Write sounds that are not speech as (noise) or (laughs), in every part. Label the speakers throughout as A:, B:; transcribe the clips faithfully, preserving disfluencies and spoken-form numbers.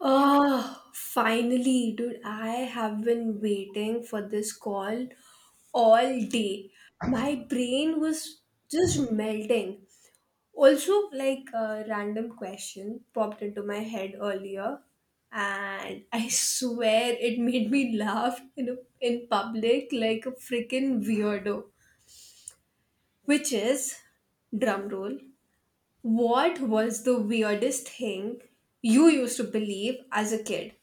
A: Ah, finally, dude, I have been waiting for this call all day. My brain was just melting. Also, like a random question popped into my head earlier, and I swear it made me laugh in a, in public like a freaking weirdo. Which is, drum roll, what was the weirdest thing you used to believe as a kid?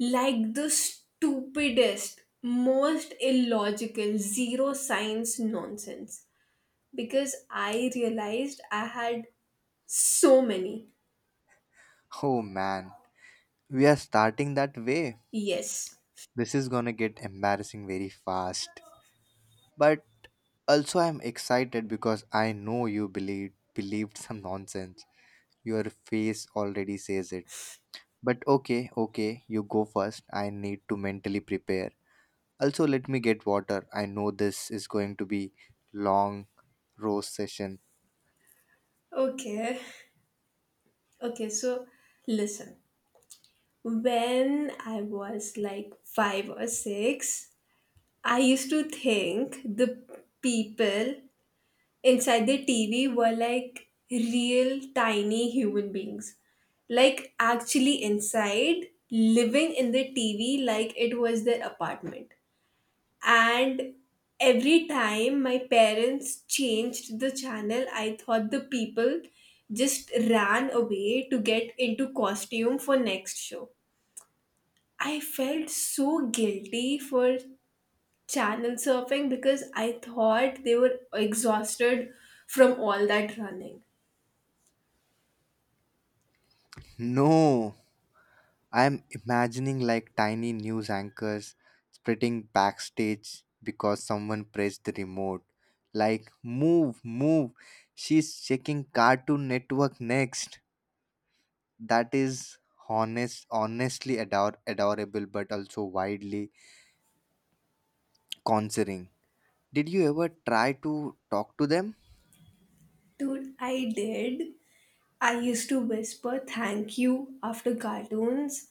A: Like the stupidest, most illogical, zero science nonsense. Because I realized I had so many.
B: Oh man, we are starting that way.
A: Yes.
B: This is gonna get embarrassing very fast. But also I'm excited because I know you believed believed some nonsense. Your face already says it. But okay, okay, you go first. I need to mentally prepare. Also let me get water. I know this is going to be long roast session.
A: Okay. Okay, so listen. When I was like five or six, I used to think the people inside the T V were like real tiny human beings. Like actually inside, living in the T V like it was their apartment. And every time my parents changed the channel, I thought the people just ran away to get into costume for next show. I felt so guilty for channel surfing because I thought they were exhausted from all that running.
B: No. I'm imagining like tiny news anchors spreading backstage because someone pressed the remote. Like, move, move. She's checking Cartoon Network next. That is honest, honestly ador- adorable, but also widely concerning. Did you ever try to talk to them?
A: Dude, I did. I used to whisper thank you after cartoons,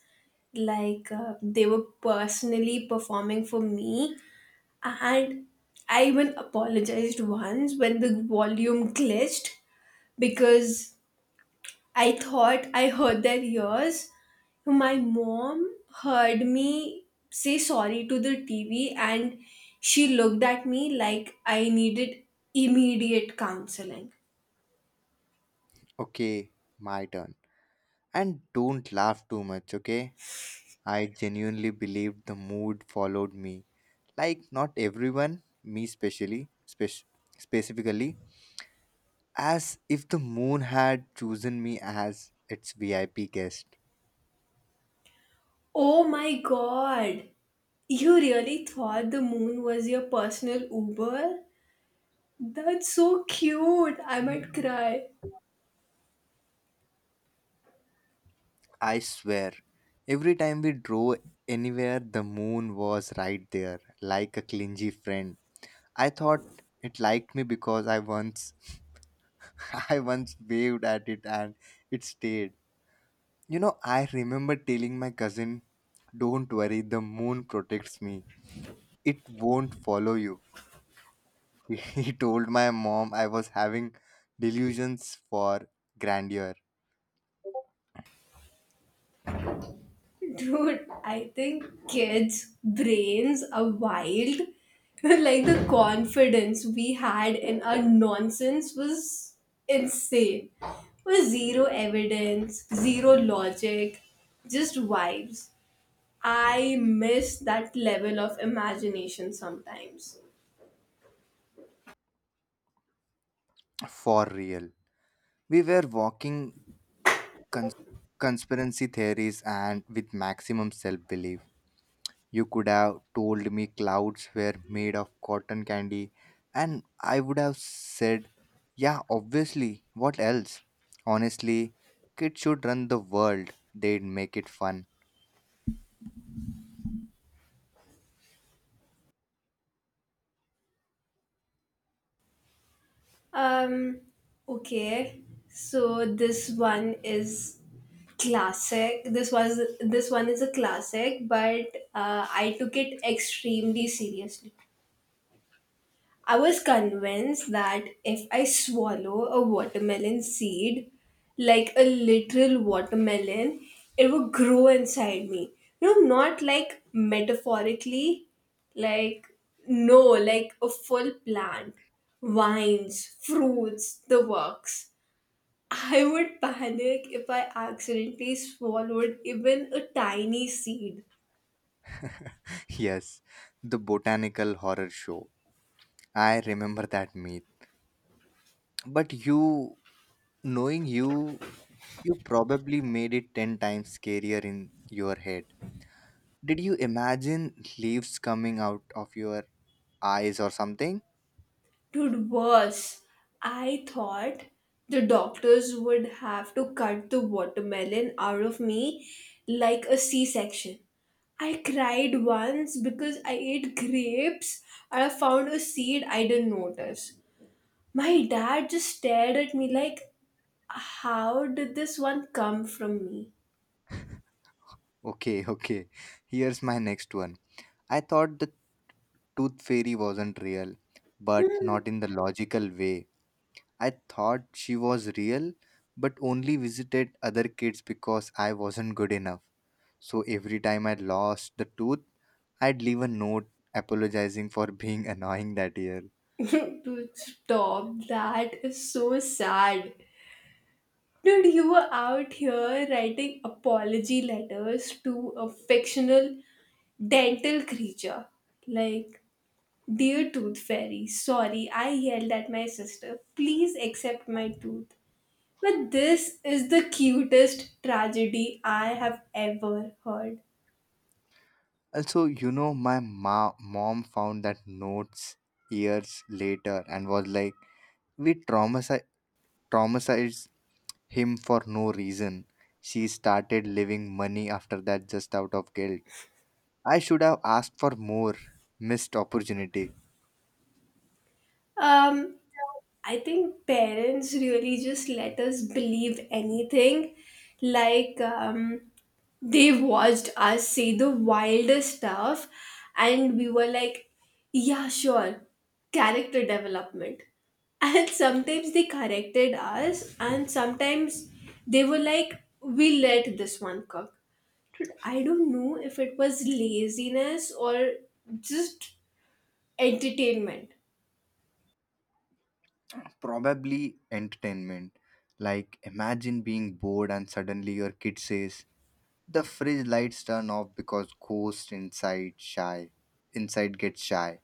A: like uh, they were personally performing for me. And I even apologized once when the volume glitched because I thought I heard their ears. My mom heard me say sorry to the T V, and she looked at me like I needed immediate counseling.
B: Okay, my turn. And don't laugh too much, okay? I genuinely believed the mood followed me. Like not everyone, me specially spec- specifically, as if the moon had chosen me as its VIP guest.
A: Oh my god! You really thought the moon was your personal Uber? That's so cute. I might cry.
B: I swear every time we drove anywhere, the moon was right there like a clingy friend. I thought it liked me because I once (laughs) I once waved at it and it stayed. You know, I remember telling my cousin, don't worry, the moon protects me, it won't follow you. (laughs) He told my mom I was having delusions for grandeur.
A: Dude, I think kids' brains are wild. (laughs) Like the confidence we had in our nonsense was insane. Was zero evidence, zero logic, just vibes. I miss that level of imagination sometimes.
B: For real. We were walking cons- conspiracy theories and with maximum self belief. You could have told me clouds were made of cotton candy, and I would have said, yeah, obviously, what else? Honestly, kids should run the world, they'd make it fun.
A: Um, okay. So this one is classic. This was this one is a classic, but uh, I took it extremely seriously. I was convinced that if I swallow a watermelon seed, like a literal watermelon, it would grow inside me. You know, not like metaphorically, like, no, like a full plant, vines, fruits, the works. I would panic if I accidentally swallowed even a tiny seed.
B: (laughs) yes, the botanical horror show. I remember that meal. But you, knowing you, you probably made it ten times scarier in your head. Did you imagine leaves coming out of your eyes or something? (laughs)
A: Dude, worse. I thought the doctors would have to cut the watermelon out of me like a C section. I cried once because I ate grapes and I found a seed I didn't notice. My dad just stared at me like, how did this one come from me?
B: Okay, okay. Here's my next one. I thought the tooth fairy wasn't real, but not
A: (laughs)
B: in the logical way. I thought she was real, but only visited other kids because I wasn't good enough. So every time I lost the tooth, I'd leave a note apologizing for being annoying that year.
A: Dude, stop. That is so sad. Dude, you were out here writing apology letters to a fictional dental creature. Like, dear tooth fairy, sorry, I yelled at my sister. Please accept my tooth. But this is the cutest tragedy I have ever heard.
B: Also, you know, my ma- mom found that notes years later and was like, we traumatize- traumatized him for no reason. She started leaving money after that just out of guilt. I should have asked for more. Missed opportunity.
A: Um, I think parents really just let us believe anything. Like, um, they watched us say the wildest stuff, and we were like, yeah, sure, character development. And (laughs) sometimes they corrected us, and sometimes they were like, we let this one cook. Dude, I don't know if it was laziness or just entertainment.
B: Probably entertainment. Like, imagine being bored and suddenly your kid says, the fridge lights turn off because ghost inside shy inside gets shy.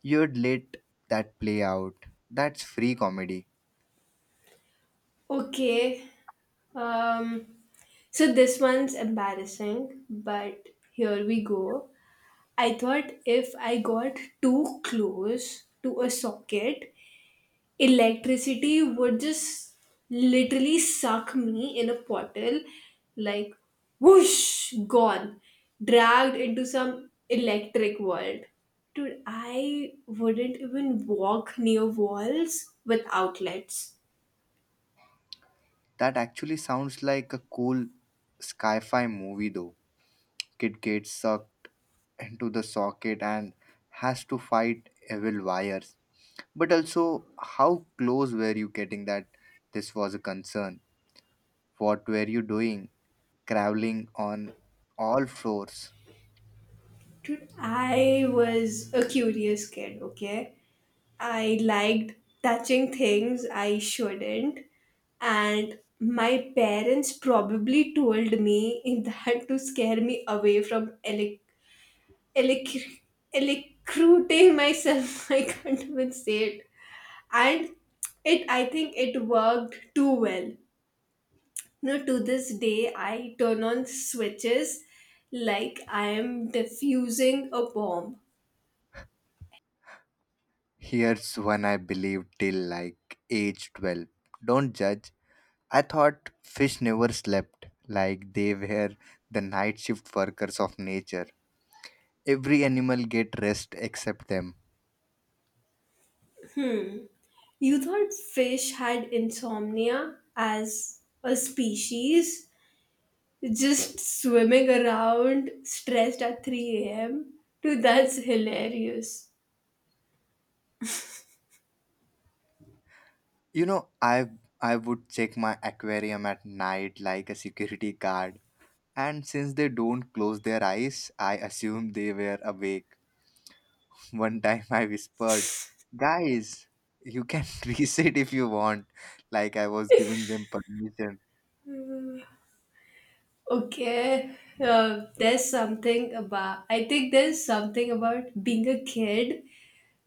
B: You'd let that play out. That's free comedy.
A: Okay. Um, so this one's embarrassing, but here we go. I thought if I got too close to a socket, electricity would just literally suck me in a bottle, like whoosh, gone, dragged into some electric world. Dude, I wouldn't even walk near walls with outlets.
B: That actually sounds like a cool sci-fi movie though. Kid gets sucked into the socket and has to fight evil wires. But also, how close were you getting that this was a concern? What were you doing? Crawling on all floors.
A: Dude, I was a curious kid, okay? I liked touching things I shouldn't, and my parents probably told me in (laughs) that to scare me away from elec- elec- electrocuting myself. (laughs) I can't even say it. And it, I think it worked too well. No, to this day, I turn on switches like I am diffusing a bomb.
B: Here's one I believed till like age twelve. Don't judge. I thought fish never slept, like they were the night shift workers of nature. Every animal get rest except them.
A: Hmm. You thought fish had insomnia as a species, just swimming around stressed at three a m. Dude, that's hilarious.
B: You know, I I would check my aquarium at night like a security guard. And since they don't close their eyes, I assumed they were awake. (laughs) One time I whispered, "Guys, you can (laughs) reset if you want." Like I was giving them permission.
A: Okay, uh, there's something about, I think there's something about being a kid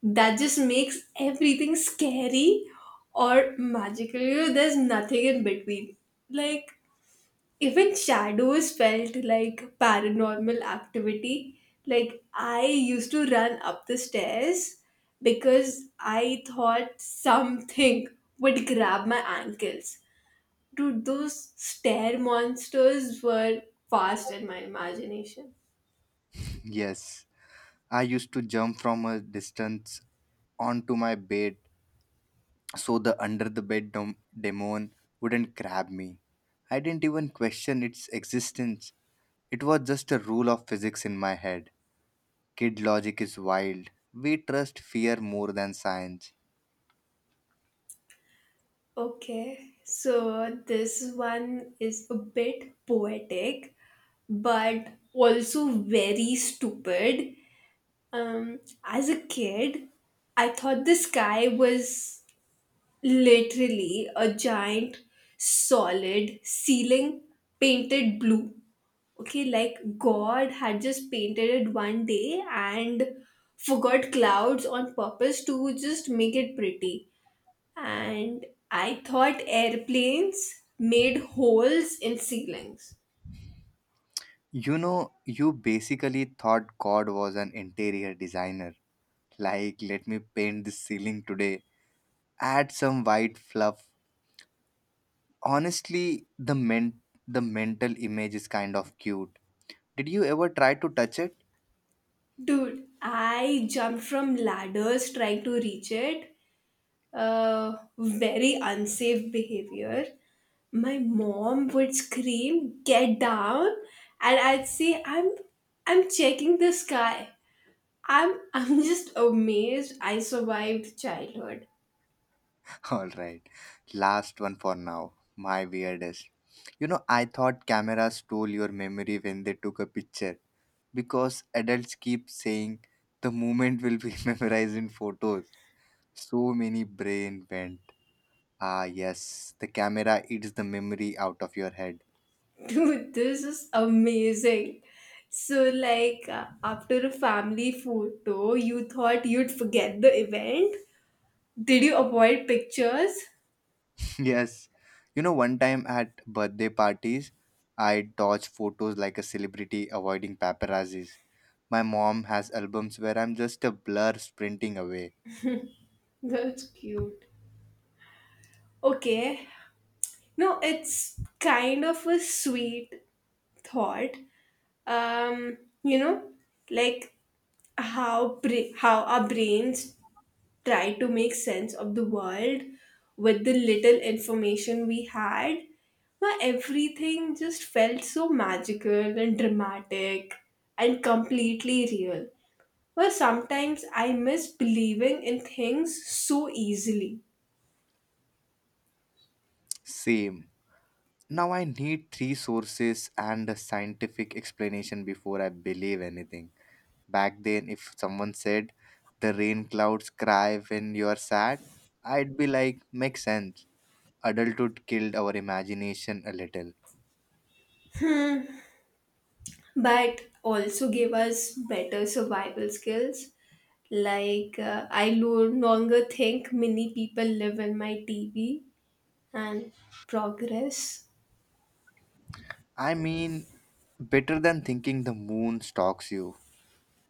A: that just makes everything scary or magical. You know, there's nothing in between. Like, even shadows felt like paranormal activity. Like I used to run up the stairs because I thought something would grab my ankles. Dude, those stair monsters were fast in my imagination.
B: Yes, I used to jump from a distance onto my bed so the under the bed dom- demon wouldn't grab me. I didn't even question its existence. It was just a rule of physics in my head. Kid logic is wild. We trust fear more than science.
A: Okay, so this one is a bit poetic but also very stupid. Um, as a kid, I thought the sky was literally a giant, solid ceiling painted blue. Okay, like God had just painted it one day and forgot clouds on purpose to just make it pretty. And I thought airplanes made holes in ceilings.
B: You know, you basically thought God was an interior designer. Like, let me paint this ceiling today, add some white fluff. Honestly, the men the mental image is kind of cute. Did you ever try to touch it?
A: Dude, I jumped from ladders trying to reach it. Uh, very unsafe behavior, my mom would scream, "Get down!" and I'd say, "I'm, I'm checking the sky." I'm, I'm (laughs) just amazed. I survived childhood.
B: (laughs) All right. Last one for now. My weirdest. You know, I thought cameras stole your memory when they took a picture because adults keep saying the moment will be (laughs) memorized in photos. So many brain went. Ah, yes, the camera eats the memory out of your head.
A: (laughs) Dude, this is amazing. So, like, uh, after a family photo, you thought you'd forget the event. Did you avoid pictures?
B: Yes. You know, one time at birthday parties, I dodged photos like a celebrity avoiding paparazzis. My mom has albums where I'm just a blur sprinting away.
A: That's cute. Okay. No, it's kind of a sweet thought. Um you know, like how bra- how our brains try to make sense of the world with the little information we had, where everything just felt so magical and dramatic and completely real. Well, sometimes I miss believing in things so easily,
B: Same. Now I need three sources and a scientific explanation before I believe anything. Back then, if someone said the rain clouds cry when you're sad, I'd be like, makes sense. Adulthood killed our imagination a little.
A: but also gave us better survival skills. Like, uh, I no longer think many people live in my T V and progress.
B: I mean, better than thinking the moon stalks you.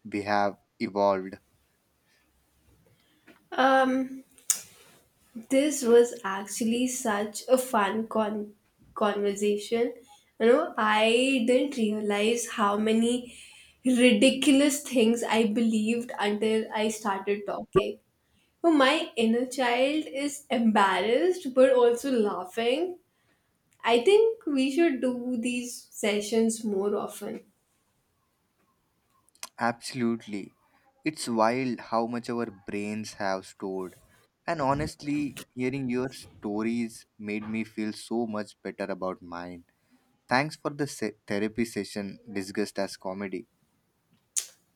B: We have evolved.
A: Um, this was actually such a fun con- conversation. You know, I didn't realize how many ridiculous things I believed until I started talking. So my inner child is embarrassed but also laughing. I think we should do these sessions more often.
B: Absolutely. It's wild how much our brains have stored. And honestly, hearing your stories made me feel so much better about mine. Thanks for the se- therapy session discussed as comedy.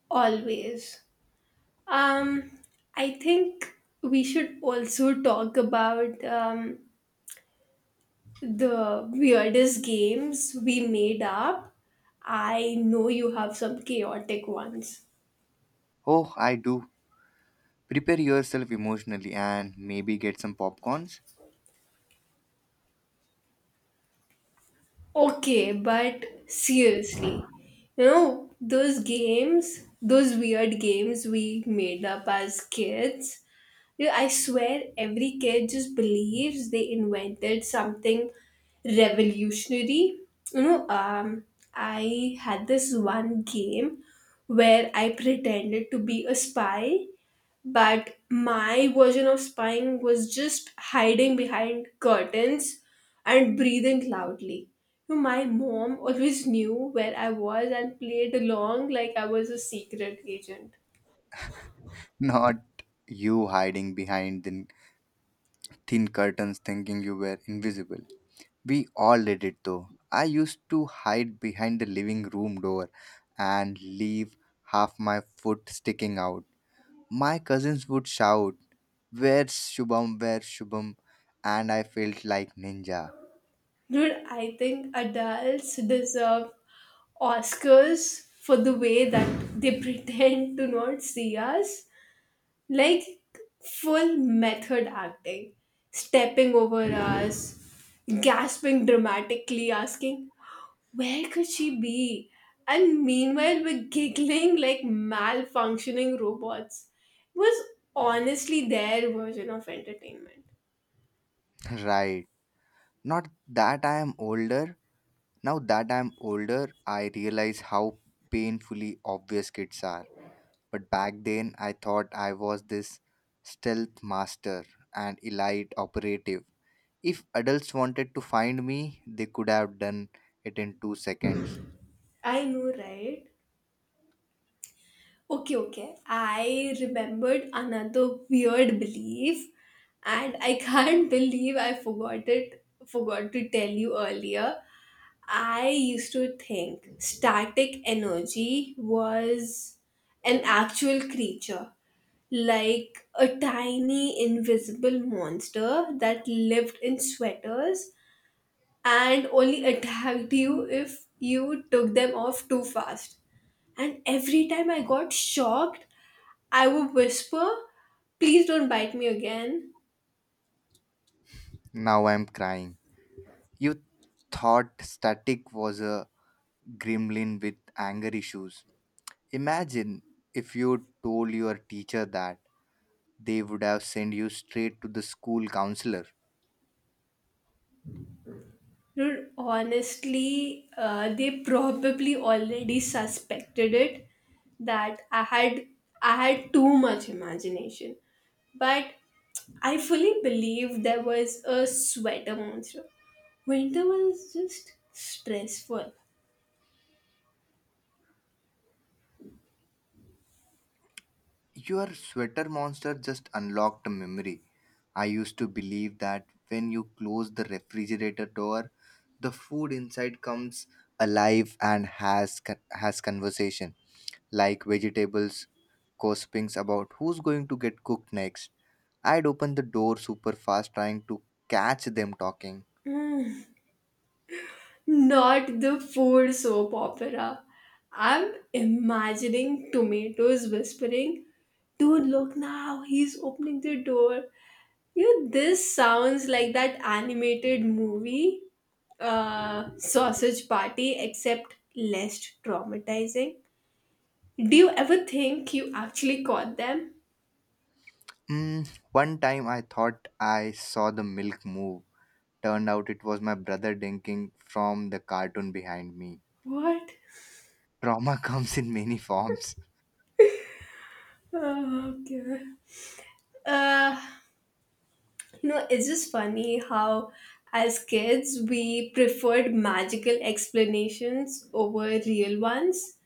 A: Always. Um, I think we should also talk about, um, the weirdest games we made up. I know you have some chaotic ones.
B: Oh, I do. Prepare yourself emotionally and maybe get some popcorns.
A: Okay, but seriously, you know, those games, those weird games we made up as kids. Yeah, I swear every kid just believes they invented something revolutionary. You know, um, I had this one game where I pretended to be a spy, but my version of spying was just hiding behind curtains and breathing loudly. You know, my mom always knew where I was and played along like I was a secret agent.
B: (laughs) Not you hiding behind the thin curtains thinking you were invisible. We all did it though. I used to hide behind the living room door and leave half my foot sticking out. My cousins would shout, where's Shubham? Where's Shubham? And I felt like ninja.
A: Dude, I think adults deserve Oscars for the way that they (laughs) pretend to not see us. Like full method acting, stepping over us, gasping dramatically, asking, where could she be? And meanwhile, we're giggling like malfunctioning robots. It was honestly their version of entertainment.
B: (laughs) Right. Not that I am older. Now that I am older, I realize how painfully obvious kids are. But back then, I thought I was this stealth master and elite operative. If adults wanted to find me, they could have done it in two seconds.
A: I know, right? Okay, okay. I remembered another weird belief, and I can't (laughs) believe I forgot it forgot to tell you earlier. I used to think static energy was an actual creature, like a tiny invisible monster that lived in sweaters and only attacked you if you took them off too fast. And every time I got shocked, I would whisper, please don't bite me again.
B: Now I'm crying. You thought Static was a gremlin with anger issues. Imagine if you told your teacher that, they would have sent you straight to the school counselor.
A: Dude, honestly, uh, they probably already suspected it that I had I had too much imagination. But I fully believe there was a sweater monster. Winter was just stressful.
B: Your sweater monster just unlocked a memory. I used to believe that when you close the refrigerator door, the food inside comes alive and has con- has conversation, like vegetables gossipings about who's going to get cooked next. I'd open the door super fast trying to catch them talking.
A: Hmm. Not the food soap opera. I'm imagining tomatoes whispering, dude, look now, he's opening the door. You know, this sounds like that animated movie, uh, Sausage Party, except less traumatizing. Do you ever think you actually caught them?
B: Mm, one time I thought I saw the milk move. Turned out it was my brother drinking from the cartoon behind me.
A: What?
B: Trauma (laughs) comes in many forms.
A: Oh, okay. Uh, No, it's just funny how, as kids, we preferred magical explanations over real ones.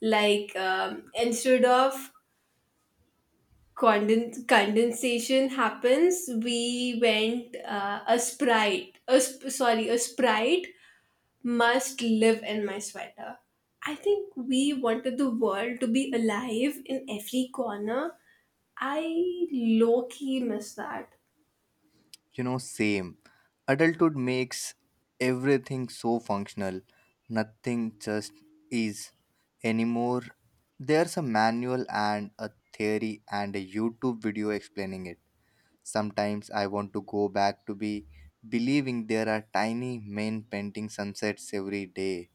A: Like, um, instead of conden- condensation happens, we went uh, a sprite. A sp- sorry, a sprite must live in my sweater. I think we wanted the world to be alive in every corner. I low key miss that.
B: You know, same. Adulthood makes everything so functional. Nothing just is anymore. There's a manual and a theory and a YouTube video explaining it. Sometimes I want to go back to be believing there are tiny men painting sunsets every day.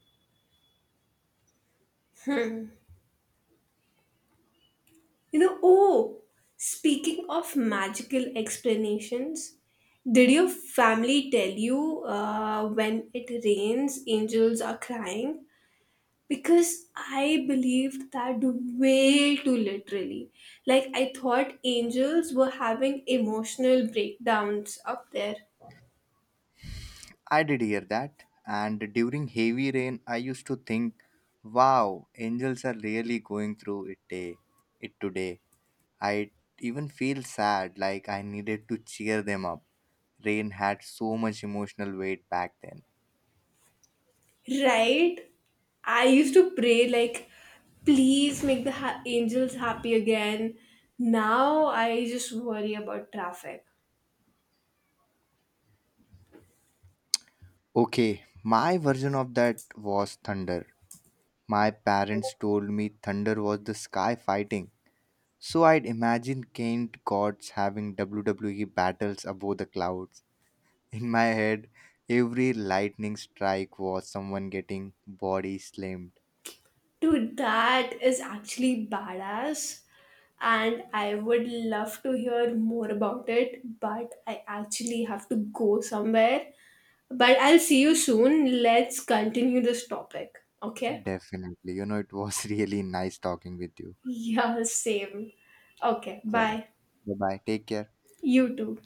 A: You know, oh, speaking of magical explanations, did your family tell you uh, when it rains, angels are crying? Because I believed that way too literally. Like, I thought angels were having emotional breakdowns up there,
B: I did hear that, and during heavy rain, I used to think, wow, angels are really going through it, day, it today. I even feel sad like I needed to cheer them up. Rain had so much emotional weight back then.
A: right? I used to pray, like, please make the ha- angels happy again. Now I just worry about traffic.
B: Okay, my version of that was thunder. My parents told me thunder was the sky fighting. So I'd imagine Kent gods having W W E battles above the clouds. In my head, every lightning strike was someone getting body slammed.
A: Dude, that is actually badass. And I would love to hear more about it, but I actually have to go somewhere. But I'll see you soon. Let's continue this topic. Okay? (laughs)
B: Definitely. You know, it was (laughs) really nice talking with you.
A: Yeah, same. Okay,
B: Chalo.
A: bye.
B: Bye bye. Take care.
A: You too.